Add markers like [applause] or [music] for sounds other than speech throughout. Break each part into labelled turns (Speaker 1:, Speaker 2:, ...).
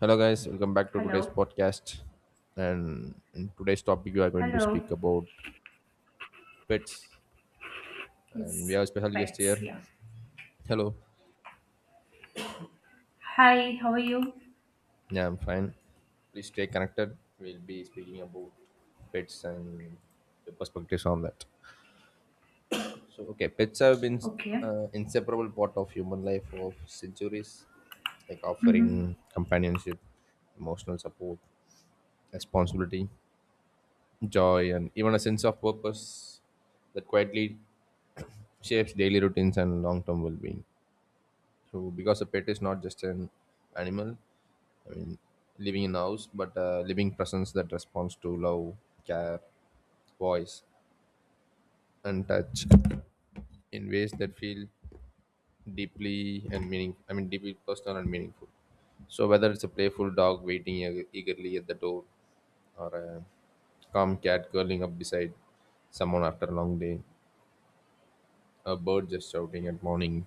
Speaker 1: Hello, guys. Welcome back to today's
Speaker 2: Hello.
Speaker 1: podcast. And in today's topic, we are going to
Speaker 2: Hello.
Speaker 1: speak about pets. And we
Speaker 2: It's
Speaker 1: have a special guest
Speaker 2: pets.
Speaker 1: here.
Speaker 2: Yeah.
Speaker 1: Hello.
Speaker 2: Hi. How are you?
Speaker 1: Yeah, I'm fine. Please stay connected. We'll be speaking about pets and the perspectives on that. So, okay, pets have been
Speaker 2: Okay.
Speaker 1: inseparable part of human life for centuries, like
Speaker 2: Mm-hmm.
Speaker 1: offering companionship, emotional support, responsibility, joy, and even a sense of purpose that quietly shapes daily routines and long-term well-being. So, because a pet is not just an animal, I mean, living in a house, but a living presence that responds to love, care, voice, and touch in ways that feel deeply and meaning. I mean, deeply personal and meaningful. So, whether it's a playful dog waiting eagerly at the door, or a calm cat curling up beside someone after a long day, a bird just shouting at morning,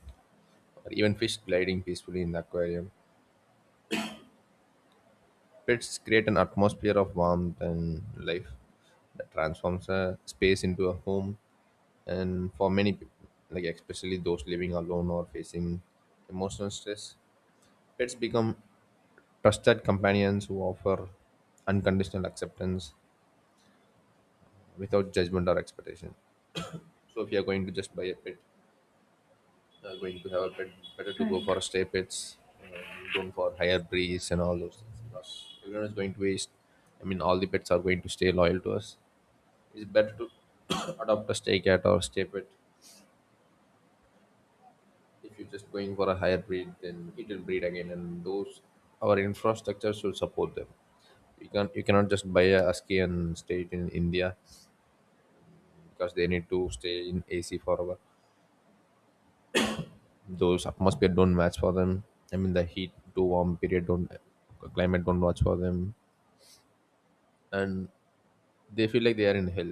Speaker 1: or even fish gliding peacefully in the aquarium, pets create an atmosphere of warmth and life that transforms a space into a home. And for many people, like especially those living alone or facing emotional stress, pets become trusted companions who offer unconditional acceptance without judgment or expectation. So if you are going to just buy a pet, going to have a pet, better to go
Speaker 2: Right.
Speaker 1: for a stray pets and don't for higher breeds and all those things because everyone is going to waste. I mean, all the pets are going to stay loyal to us, it's better to [coughs] adopt a stray cat or stray pet. If you're just going for a higher breed, then it will breed again, and those, our infrastructure should support them. You can, you cannot just buy a husky and stay it in India, because they need to stay in AC forever. Those atmosphere don't match for them. I mean, the heat too warm period don't, climate don't watch for them. And they feel like they are in hell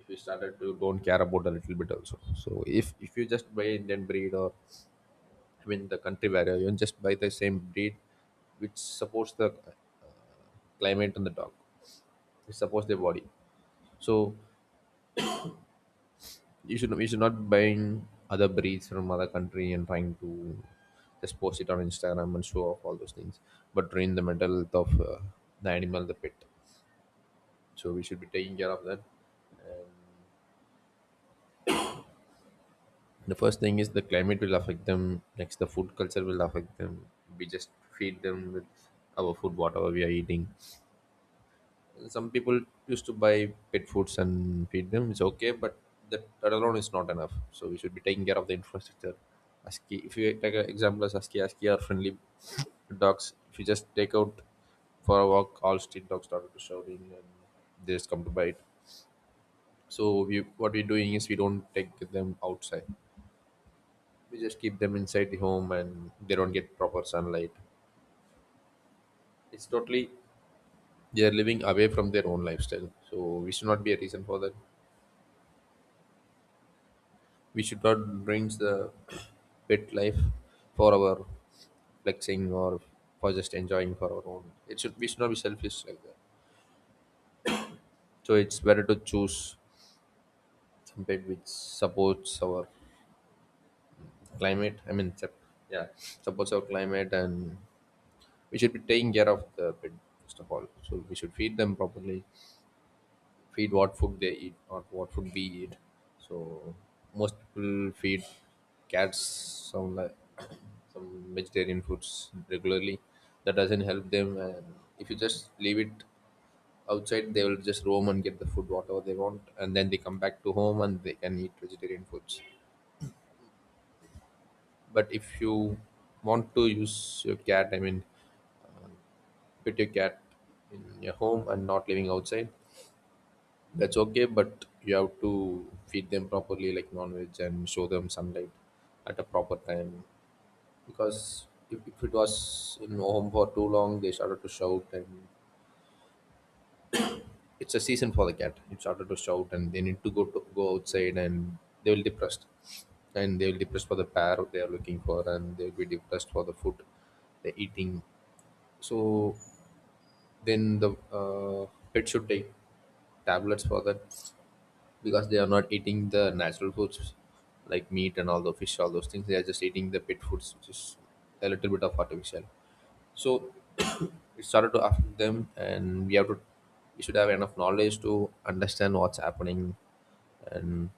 Speaker 1: if you started to don't care about a little bit also. So if you just buy Indian breed, or I mean, the country where you just buy the same breed, which supports the climate and the dog. It supports their body. So you should not buying other breeds from other country and trying to just post it on Instagram and show off all those things, but train the mental health of the animal, the pet. So we should be taking care of that. The first thing is the climate will affect them. Next, the food culture will affect them. We just feed them with our food, whatever we are eating. Some people used to buy pet foods and feed them. It's okay, but that alone is not enough. So we should be taking care of the infrastructure. ASCII, if you take an example as ASCII, ASCII are friendly dogs. If you just take out for a walk, all street dogs started to shouting and they just come to bite. So we, what we're doing is we don't take them outside. We just keep them inside the home and they don't get proper sunlight. It's totally they are living away from their own lifestyle. So we should not be a reason for that. We should not bring the pet life for our flexing or for just enjoying for our own. It should, we should not be selfish like that. So it's better to choose some pet which supports our climate. I mean, yeah, supports our climate, and we should be taking care of the pet first of all. So we should feed them properly. Feed what food they eat, not what food we eat. So most people feed cats some like [coughs] [clears throat] some vegetarian foods regularly. That doesn't help them, and if you just leave it outside, they will just roam and get the food whatever they want, and then they come back to home and they can eat vegetarian foods. But if you want to use your cat, I mean, put your cat in your home and not living outside, that's okay, but you have to feed them properly, like non-veg, and show them sunlight at a proper time. Because if it was in home for too long, they started to shout, and it's a season for the cat. It started to shout, and they need to go outside, and they will depressed, and they will depressed for the pair they are looking for, and they will be depressed for the food they're eating. So then the pet should take tablets for that because they are not eating the natural foods like meat and all the fish, all those things. They are just eating the pet foods, which is a little bit of artificial. So it started to affect them, and we have to we should have enough knowledge to understand what's happening and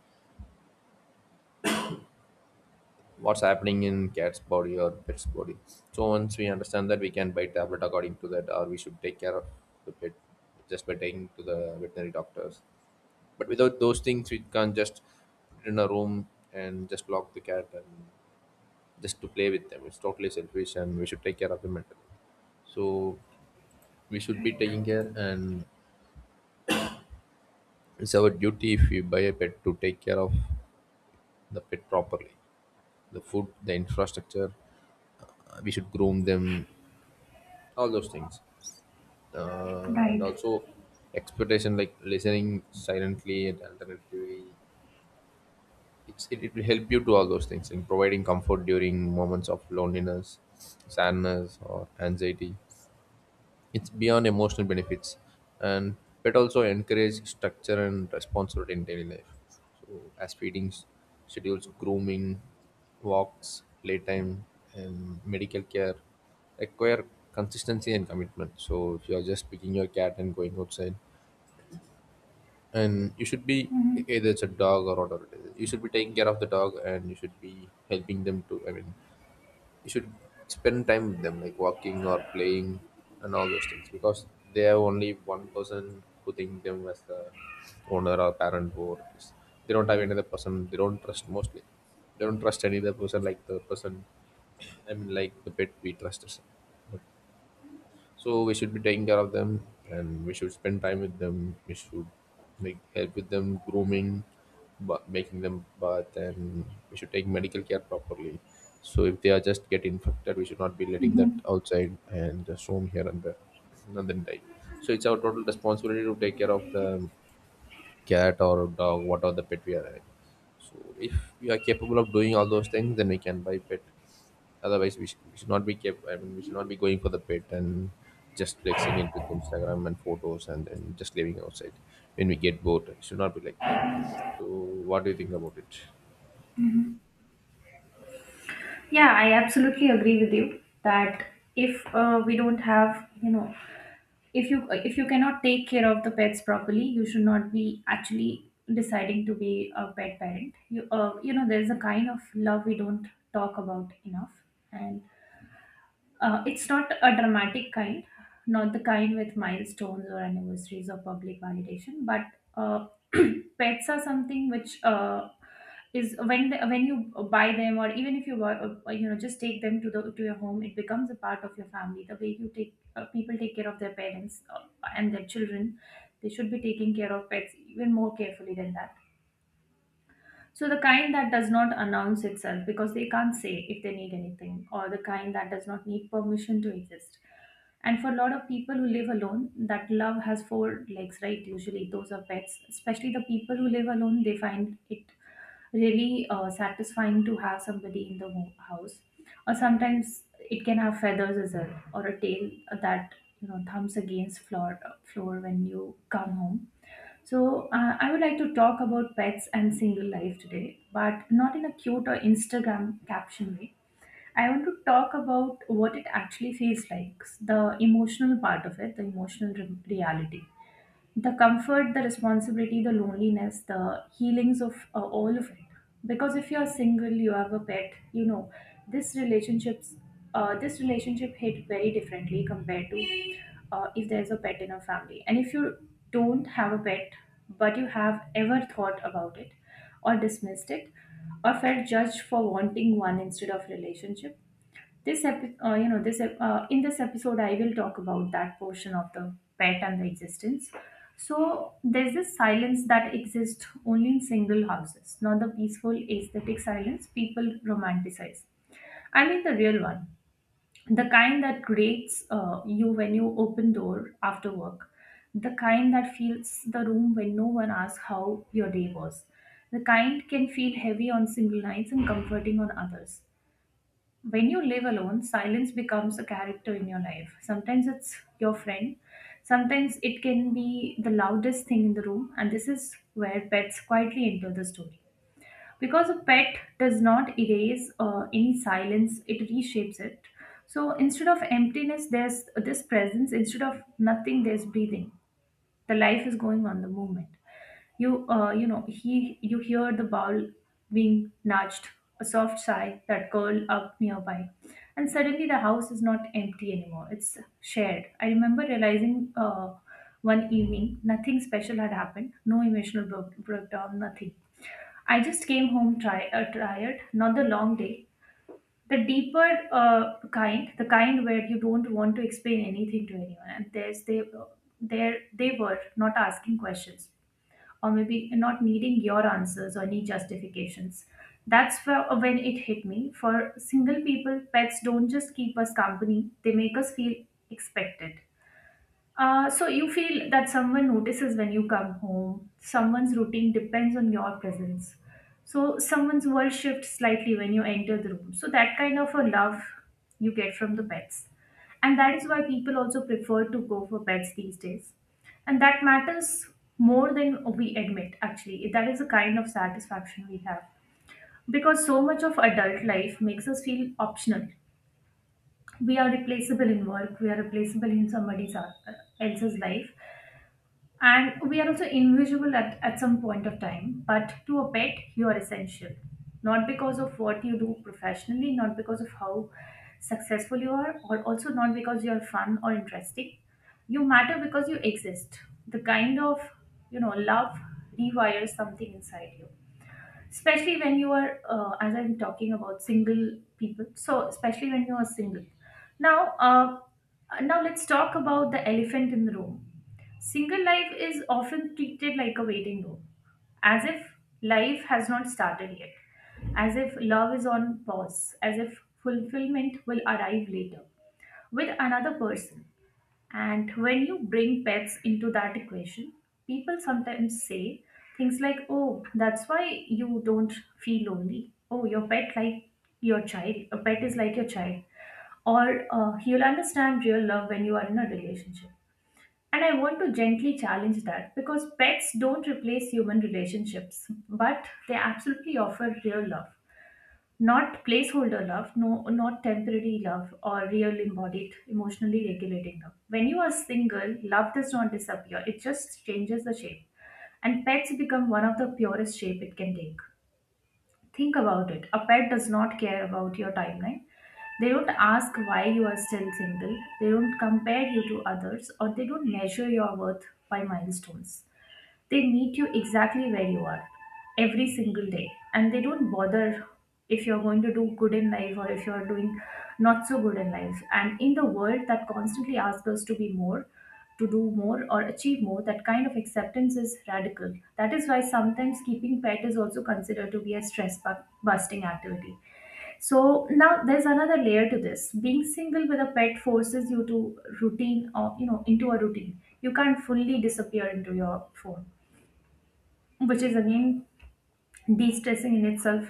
Speaker 1: what's happening in cat's body or pet's body. So once we understand that, we can buy tablet according to that, or we should take care of the pet just by taking to the veterinary doctors. But without those things, we can't just put it in a room and just lock the cat and just to play with them. It's totally selfish, and we should take care of them. So we should be
Speaker 2: Right.
Speaker 1: taking care, and it's our duty if we buy a pet to take care of the pet properly, the food, the infrastructure. We should groom them, all those things, and
Speaker 2: Right.
Speaker 1: also expectation like listening silently and alternatively. It will help you to all those things in providing comfort during moments of loneliness, sadness, or anxiety. It's beyond emotional benefits, and pet also encourage structure and responsibility in daily life. So as feedings, schedules, grooming, walks, playtime, and medical care require consistency and commitment. So if you are just picking your cat and going outside, and you should be,
Speaker 2: Mm-hmm.
Speaker 1: either it's a dog or whatever it is, you should be taking care of the dog and you should be helping them to. I mean, you should spend time with them like walking or playing and all those things because they have only one person who think them as the owner or parent or this. They don't have any other person, they don't trust mostly, they don't trust any other person like the person, I mean, like the pet we trust us. But so we should be taking care of them and we should spend time with them, we should like help with them grooming, but making them bath and we should take medical care properly. So if they are just get infected, we should not be letting that
Speaker 2: Mm-hmm.
Speaker 1: outside and just roam here and there and then die. So it's our total responsibility to take care of the cat or dog, whatever the pet we are having. So if we are capable of doing all those things, then we can buy pet. Otherwise, we, we should not be kept. I mean, we should not be going for the pet and just flexing it with Instagram and photos and then just living outside when we get bored. It should not be like that. So, what do you think about it?
Speaker 2: Yeah, I absolutely agree with you that if we don't have, if you cannot take care of the pets properly, you should not be actually deciding to be a pet parent. You know, there's a kind of love we don't talk about enough, and it's not a dramatic kind, not the kind with milestones or anniversaries or public validation, but uh, [clears throat] pets are something which is when when you buy them, or even if you buy, just take them to the to your home, it becomes a part of your family. The way you take people take care of their parents, and their children, they should be taking care of pets even more carefully than that. So the kind that does not announce itself because they can't say if they need anything, or the kind that does not need permission to exist. And for a lot of people who live alone, that love has four legs, right? Usually, those are pets. Especially the people who live alone, they find it really satisfying to have somebody in the house. Or sometimes it can have feathers as well, or a tail that thumps against floor when you come home. So, I would like to talk about pets and single life today, but not in a cute or Instagram caption way. I want to talk about what it actually feels like, the emotional part of it, the emotional reality, the comfort, the responsibility, the loneliness, the healings of all of it. Because if you're single, you have a pet, this relationships, this relationship hit very differently compared to, if there's a pet in a family. And if you don't have a pet, but you have ever thought about it, or dismissed it, or felt judged for wanting one instead of relationship, this epi- you know, this ep- in this episode, I will talk about that portion of the pet and the existence. So there's this silence that exists only in single houses, not the peaceful aesthetic silence people romanticize. I mean the real one, the kind that grates you when you open door after work, the kind that fills the room when no one asks how your day was, the kind can feel heavy on single nights and comforting on others. When you live alone, silence becomes a character in your life. Sometimes it's your friend, sometimes it can be the loudest thing in the room, and this is where pets quietly enter the story. Because a pet does not erase any silence, it reshapes it. So instead of emptiness, there's this presence, instead of nothing, there's breathing, the life is going on, the movement. You uh, you know he you hear the bowl being nudged, a soft sigh that curled up nearby, and suddenly the house is not empty anymore, it's shared. I remember realizing, uh, one evening, nothing special had happened, no emotional breakdown, nothing. I just came home, tired, not the long day, the deeper kind, the kind where you don't want to explain anything to anyone, and there's they there they were not asking questions, or maybe not needing your answers or any justifications. That's where, when it hit me, for single people pets don't just keep us company, they make us feel expected. So you feel that someone notices when you come home. Someone's routine depends on your presence. So someone's world shifts slightly when you enter the room. So that kind of a love you get from the pets. And that is why people also prefer to go for pets these days. And that matters more than we admit, actually. That is the kind of satisfaction we have. Because so much of adult life makes us feel optional. We are replaceable in work, we are replaceable in somebody else's life, and we are also invisible at some point of time, but to a pet, you are essential. Not because of what you do professionally, not because of how successful you are, or also not because you are fun or interesting. You matter because you exist. The kind of, love rewires something inside you, especially when you are, as I'm talking about single people, so especially when you are single now. Uh, now let's talk about the elephant in the room. Single life is often treated like a waiting room, as if life has not started yet, as if love is on pause, as if fulfillment will arrive later with another person. And when you bring pets into that equation, people sometimes say things like, oh, that's why you don't feel lonely. Oh, your pet like your child. A pet is like your child. Or you'll understand real love when you are in a relationship. And I want to gently challenge that because pets don't replace human relationships, but they absolutely offer real love. Not placeholder love, no, not temporary love, or real embodied, emotionally regulating love. When you are single, love does not disappear, it just changes the shape. And pets become one of the purest shape it can take. Think about it. A pet does not care about your timeline. They don't ask why you are still single. They don't compare you to others, or they don't measure your worth by milestones. They meet you exactly where you are every single day, and they don't bother if you're going to do good in life, or if you're doing not so good in life. And in the world that constantly asks us to be more, to do more or achieve more, that kind of acceptance is radical. That is why sometimes keeping pet is also considered to be a stress busting activity. So now there's another layer to this. Being single with a pet forces you to routine, or into a routine. You can't fully disappear into your phone, which is again de-stressing in itself.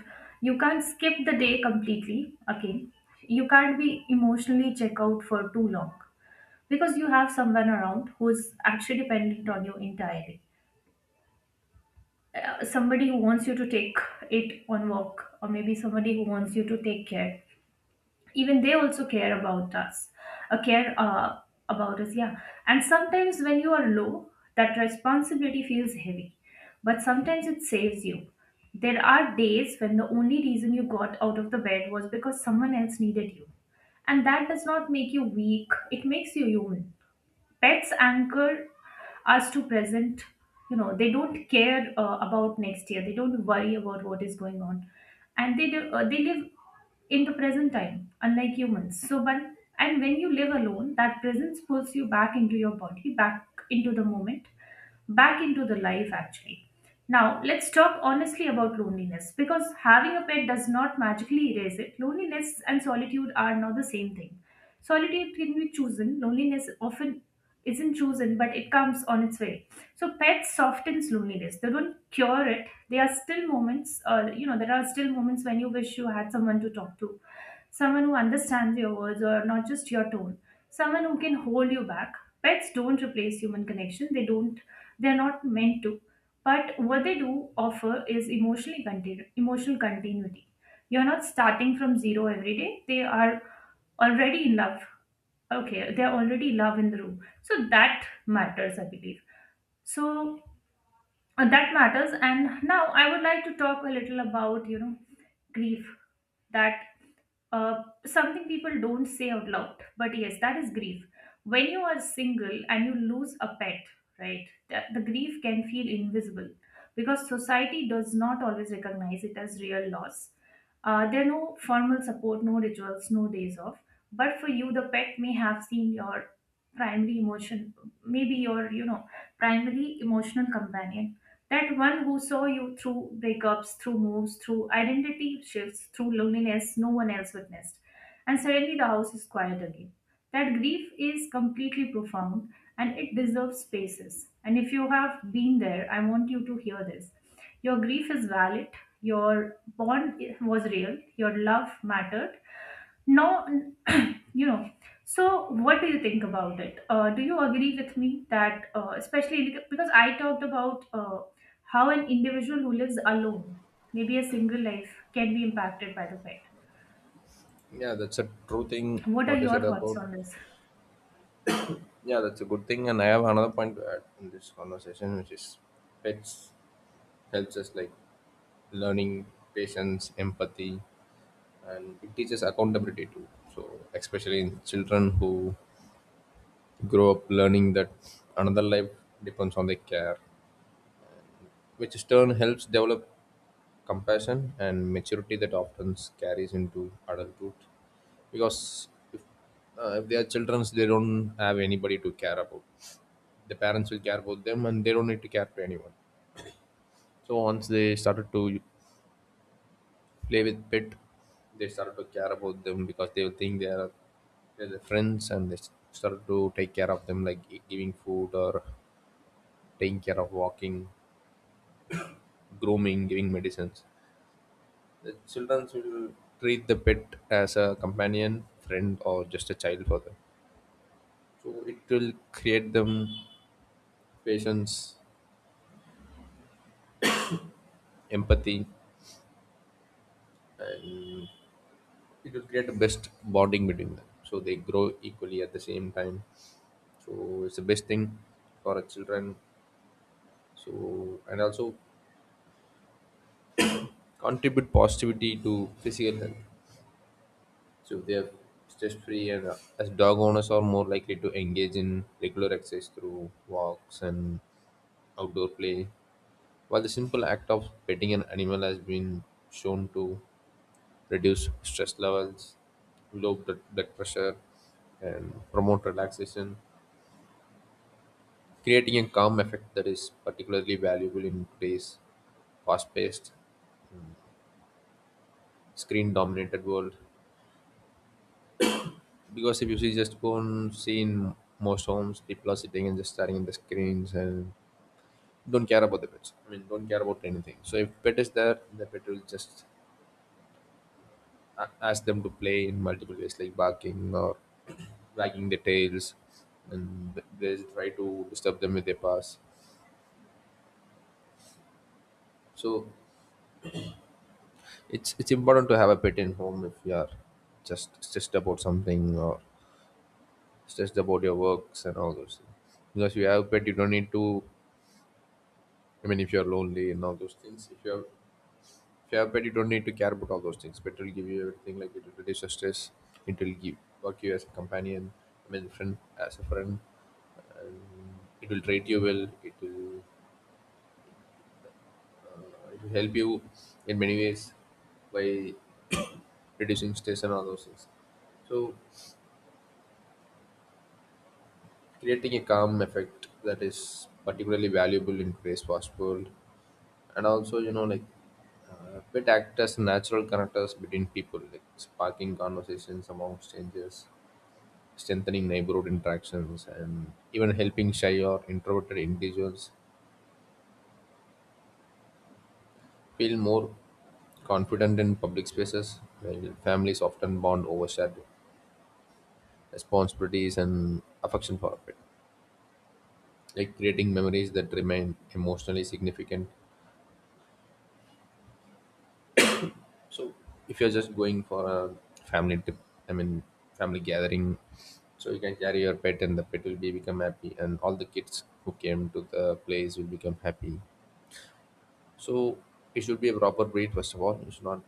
Speaker 2: You can't skip the day completely again, you can't be emotionally check out for too long, because you have someone around who's actually dependent on you entirely. Somebody who wants you to take it on walk, or maybe somebody who wants you to take care, even they also care about us. Care about us, yeah. And sometimes when you are low, that responsibility feels heavy, but sometimes it saves you. There are days when the only reason you got out of the bed was because someone else needed you, and that does not make you weak, it makes you human. Pets anchor us to present. They don't care about next year, they don't worry about what is going on, and they live in the present time unlike humans. So but, and when you live alone, that presence pulls you back into your body, back into the moment, back into the life actually. Now, let's talk honestly about loneliness, because having a pet does not magically erase it. Loneliness and solitude are not the same thing. Solitude can be chosen, loneliness often isn't chosen, but it comes on its way. So, pets softens loneliness. They don't cure it. There are still moments, there are still moments when you wish you had someone to talk to, someone who understands your words or not just your tone, someone who can hold you back. Pets don't replace human connection, they're not meant to, but what they do offer is emotional continuity. You're not starting from zero every day, they are already in love. Okay, they're already love in the room, so that matters, I believe. So that matters. And now I would like to talk a little about grief. That uh, Something people don't say out loud, but yes, that is grief. When you are single and you lose a pet, right, the grief can feel invisible because society does not always recognize it as real loss. There are no formal support, no rituals, no days off, but for you the pet may have seen your primary emotion, maybe your, primary emotional companion, that one who saw you through breakups, through moves, through identity shifts, through loneliness no one else witnessed. And suddenly the house is quiet again. That grief is completely profound, and it deserves spaces. And if you have been there, I want you to hear this. Your grief is valid, your bond was real, your love mattered. No, [clears throat] you know, so, what do you think about it? Do you agree with me that, especially because I talked about how an individual who lives alone, maybe a single life, can be impacted by the pet?
Speaker 1: Yeah, that's a true thing.
Speaker 2: What are
Speaker 1: What you
Speaker 2: your
Speaker 1: said
Speaker 2: thoughts
Speaker 1: about,
Speaker 2: on this?
Speaker 1: yeah, that's a good thing. And I have another point to add in this conversation, which is pets helps us like learning patience, empathy, and it teaches accountability too. So, especially in children who grow up learning that another life depends on their care, which in turn helps develop compassion and maturity that often carries into adulthood. Because if they are children, they don't have anybody to care about. The parents will care about them and they don't need to care for anyone. So once they started to play with pet, they started to care about them because they will think they are, they're their friends, and they started to take care of them like giving food or taking care of walking, grooming, giving medicines. The children will treat the pet as a companion, friend, or just a child for them. So it will create them patience, empathy, and it will create the best bonding between them. So they grow equally at the same time. So it's the best thing for a children. So and also contribute positivity to physical health. So if they are stress-free and as dog owners are more likely to engage in regular exercise through walks and outdoor play. While the simple act of petting an animal has been shown to reduce stress levels, low blood pressure, and promote relaxation, creating a calm effect that is particularly valuable in today's fast-paced, screen-dominated world. Because if you see just go and see in most homes, people are sitting and just staring at the screens and don't care about the pets. I mean, don't care about anything. So if pet is there, the pet will just ask them to play in multiple ways, like barking or wagging their tails, and they try to disturb them with their paws. So it's important to have a pet in home if you are just stressed about something or stressed about your works and all those things. Because if you have a pet, you don't need to. I mean, if you are lonely and all those things, if you have If Yeah, pet, you don't need to care about all those things. Pet will give you everything. Like it'll reduce your stress. It'll give work you as a companion. I mean, friend as a friend. And it will treat you well. It will help you in many ways by reducing stress and all those things. So creating a calm effect that is particularly valuable in today's fast world, and also bit act as natural connectors between people, like sparking conversations among strangers, strengthening neighborhood interactions, and even helping shy or introverted individuals feel more confident in public spaces, while families often bond over shared responsibilities and affection for it, like creating memories that remain emotionally significant. So, if you're just going for a family trip, I mean, family gathering, so you can carry your pet and the pet will be become happy, and all the kids who came to the place will become happy. So it should be a proper breed first of all. You should not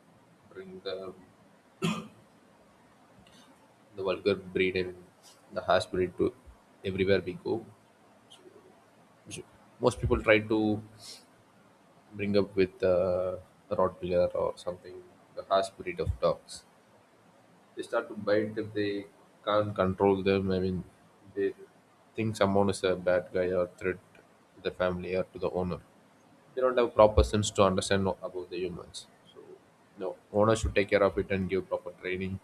Speaker 1: bring the vulgar breed and the harsh breed to everywhere we go. You should- Most people try to bring up with a Rottweiler or something, the harsh breed of dogs. They start to bite if they can't control them. I mean, they think someone is a bad guy or threat to the family or to the owner. They don't have proper sense to understand about the humans. So, no, owner should take care of it and give proper training,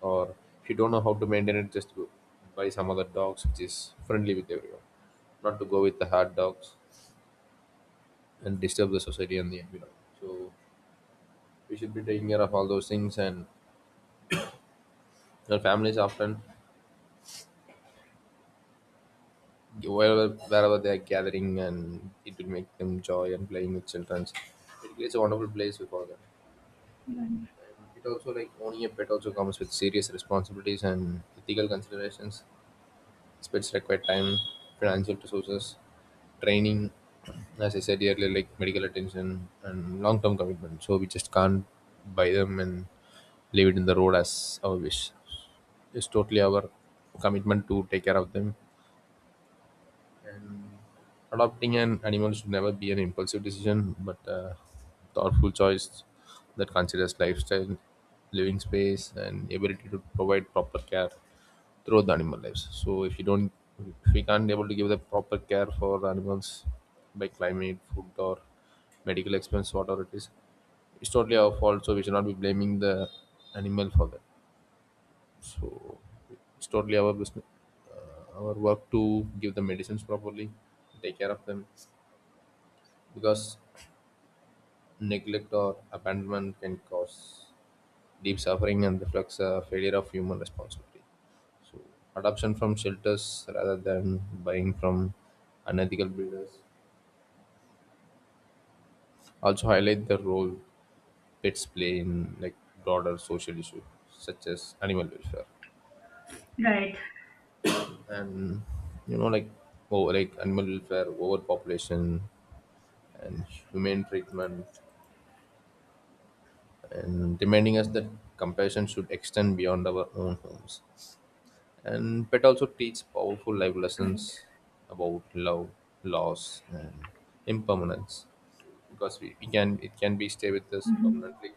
Speaker 1: or if you don't know how to maintain it, just go buy some other dogs which is friendly with everyone, not to go with the hard dogs and disturb the society and the environment. So we should be taking care of all those things, and our families often wherever they are gathering, and it will make them joy, and playing with children, it creates a wonderful place for them.
Speaker 2: Right.
Speaker 1: And it also, like, owning a pet also comes with serious responsibilities and ethical considerations. Pets require time, financial resources, training, as I said earlier, like medical attention and long term commitment. So we just can't buy them and leave it in the road as our wish. It's totally our commitment to take care of them. And adopting an animal should never be an impulsive decision, but a thoughtful choice that considers lifestyle, living space, and ability to provide proper care throughout the animal lives. So if you don't, if we can't able to give the proper care for animals by climate, food, or medical expense, whatever it is, it's totally our fault. So we should not be blaming the animal for that. So it's totally our business, our work to give the medicines properly, take care of them, because neglect or abandonment can cause deep suffering and reflects a failure of human responsibility. So, adoption from shelters rather than buying from unethical breeders also highlight the role pets play in, like, broader social issues such as animal welfare.
Speaker 2: Right.
Speaker 1: And you know like animal welfare, overpopulation, and humane treatment, and reminding us that compassion should extend beyond our own homes. And pet also teach powerful life
Speaker 2: Right.
Speaker 1: lessons about love, loss, and impermanence. Because we can it can be stay with us permanently.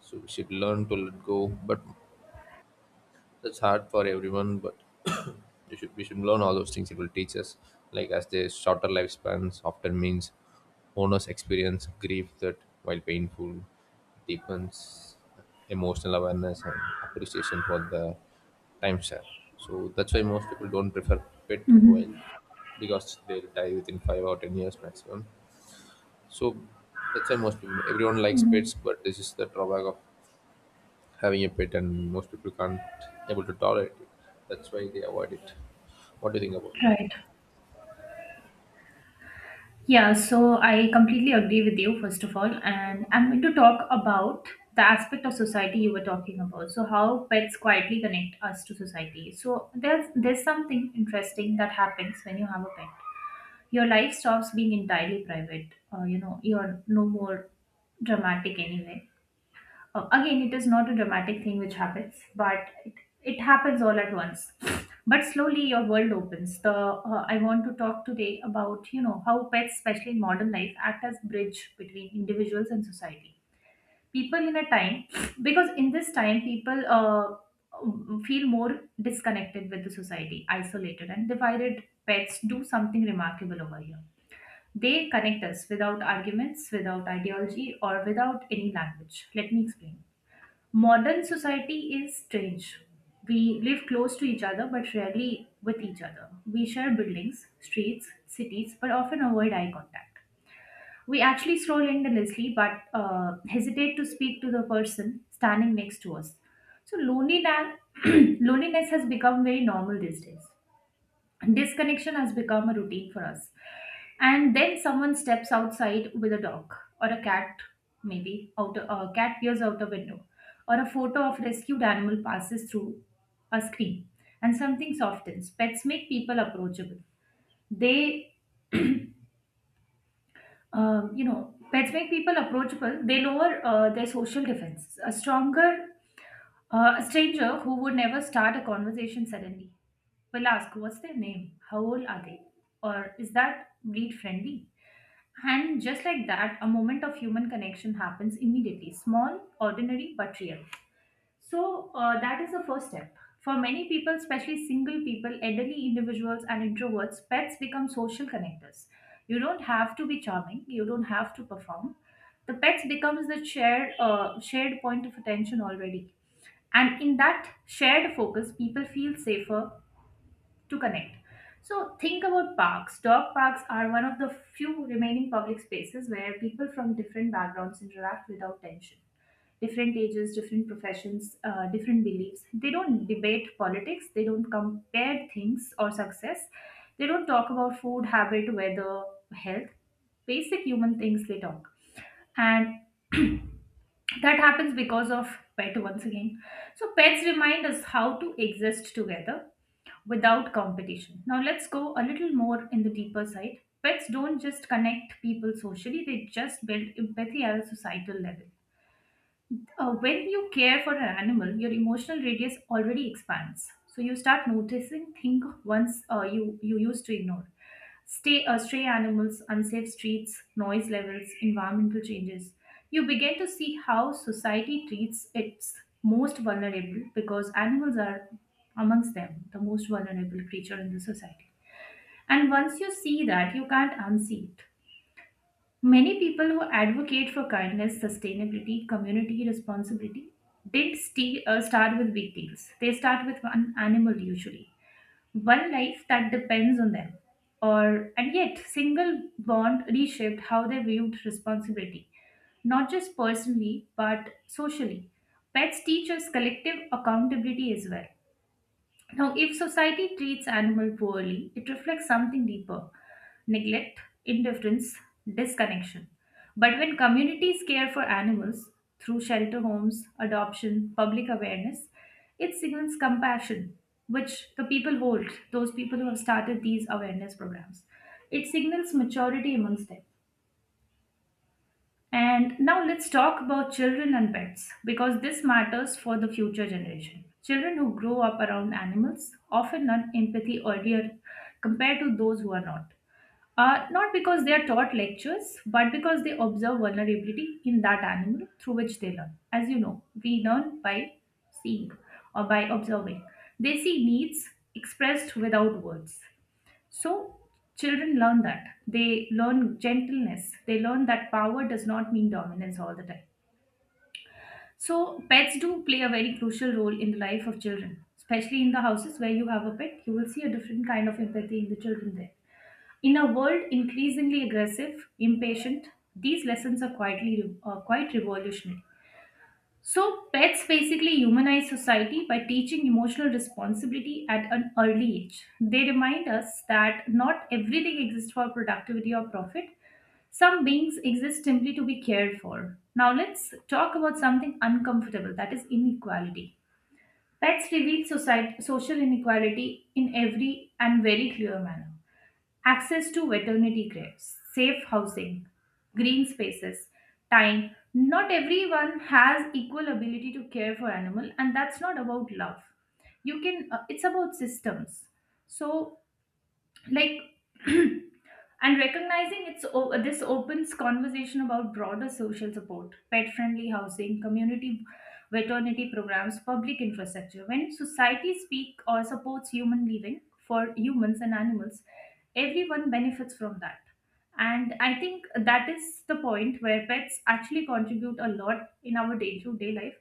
Speaker 1: So we should learn to let go, but that's hard for everyone, but [coughs] [clears throat] we should learn all those things. It will teach us, like as the shorter lifespans often means owners experience grief that, while painful, deepens emotional awareness and appreciation for the time share. So that's why most people don't prefer pet
Speaker 2: Hmm.
Speaker 1: while because they'll die within 5 or 10 years maximum. So that's why most people, everyone likes pets, but this is the drawback of having a pet, and most people can't able to tolerate it. That's why they avoid it. What do you think about it?
Speaker 2: Right. Yeah, so I completely agree with you, first of all. And I'm going to talk about the aspect of society you were talking about. So, how pets quietly connect us to society. So, there's something interesting that happens when you have a pet. Your life stops being entirely private. You're no more dramatic anyway. Again, it is not a dramatic thing which happens, but it happens all at once. But slowly, your world opens. The I want to talk today about you know how pets, especially in modern life, act as bridge between individuals and society. People in a time, because in this time, people feel more disconnected with the society, isolated and divided. Pets do something remarkable over here. They connect us without arguments, without ideology, or without any language. Let me explain. Modern society is strange. We live close to each other but rarely with each other. We share buildings, streets, cities, but often avoid eye contact. We actually stroll endlessly but hesitate to speak to the person standing next to us. So loneliness, [clears throat] loneliness has become very normal these days. Disconnection has become a routine for us. And then someone steps outside with a dog or a cat, maybe out a cat peers out a window, or a photo of rescued animal passes through a screen, and something softens. Pets make people approachable. They pets make people approachable. They lower their social defenses. A stranger who would never start a conversation suddenly will ask what's their name, how old are they, or is that breed friendly. And just like that, a moment of human connection happens immediately. Small, ordinary, but real. So that is the first step. For many people, especially single people, elderly individuals, and introverts, pets become social connectors. You don't have to be charming. You don't have to perform. The pets becomes the shared point of attention already. And in that shared focus, people feel safer, to connect. So think about parks. Dog parks are one of the few remaining public spaces where people from different backgrounds interact without tension. Different ages, different professions, different beliefs. They don't debate politics. They don't compare things or success. They don't talk about food, habit, weather, health. Basic human things they talk. And [clears throat] that happens because of pet once again. So pets remind us how to exist together without competition. Now let's go a little more in the deeper side. Pets don't just connect people socially, they just build empathy at a societal level. When you care for an animal, your emotional radius already expands. So you start noticing things once you used to ignore. Stay Stray animals, unsafe streets, noise levels, environmental changes. You begin to see how society treats its most vulnerable, because animals are amongst them the most vulnerable creature in the society. And once you see that, you can't unsee it. Many people who advocate for kindness, sustainability, community responsibility didn't st- start with big deals. They start with one animal usually, one life that depends on them. Or and yet, single bond reshaped how they viewed responsibility, not just personally but socially. Pets teach us collective accountability as well. Now, if society treats animal poorly, it reflects something deeper: neglect, indifference, disconnection. But when communities care for animals through shelter homes, adoption, public awareness, it signals compassion, which the people hold, those people who have started these awareness programs. It signals maturity amongst them. And now let's talk about children and pets, because this matters for the future generation. Children who grow up around animals often learn empathy earlier compared to those who are not. Not because they are taught lectures, but because they observe vulnerability in that animal through which they learn. As you know, we learn by seeing or by observing. They see needs expressed without words. So children learn that. They learn gentleness. They learn that power does not mean dominance all the time. So pets do play a very crucial role in the life of children, especially in the houses where you have a pet. You will see a different kind of empathy in the children there. In a world increasingly aggressive, impatient, these lessons are quite revolutionary. So, pets basically humanize society by teaching emotional responsibility at an early age. They remind us that not everything exists for productivity or profit. Some beings exist simply to be cared for. Now, let's talk about something uncomfortable, that is inequality. Pets reveal society, social inequality in every and very clear manner. Access to veterinary care, safe housing, green spaces, time. Not everyone has equal ability to care for animal, and that's not about love. You can. It's about systems. So like [clears throat] and recognizing this opens conversation about broader social support, pet friendly housing, community veterinary programs, public infrastructure. When society speak or supports human living, for humans and animals, everyone benefits from that. And I think that is the point where pets actually contribute a lot in our day to day life,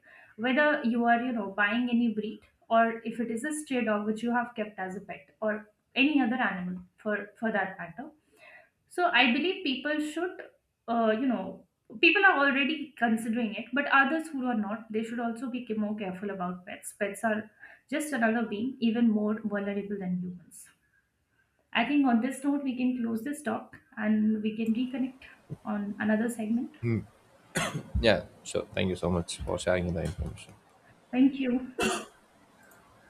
Speaker 2: whether you are you know buying any breed, or if it is a stray dog which you have kept as a pet, or any other animal for that matter. So I believe people should uh, you know people are already considering it, but others who are not, they should also be more careful about pets. Pets are just another being, even more vulnerable than humans. I think on this note we can close this talk and we can reconnect on another segment.
Speaker 1: Yeah, sure. Thank you so much for sharing the information.
Speaker 2: Thank you.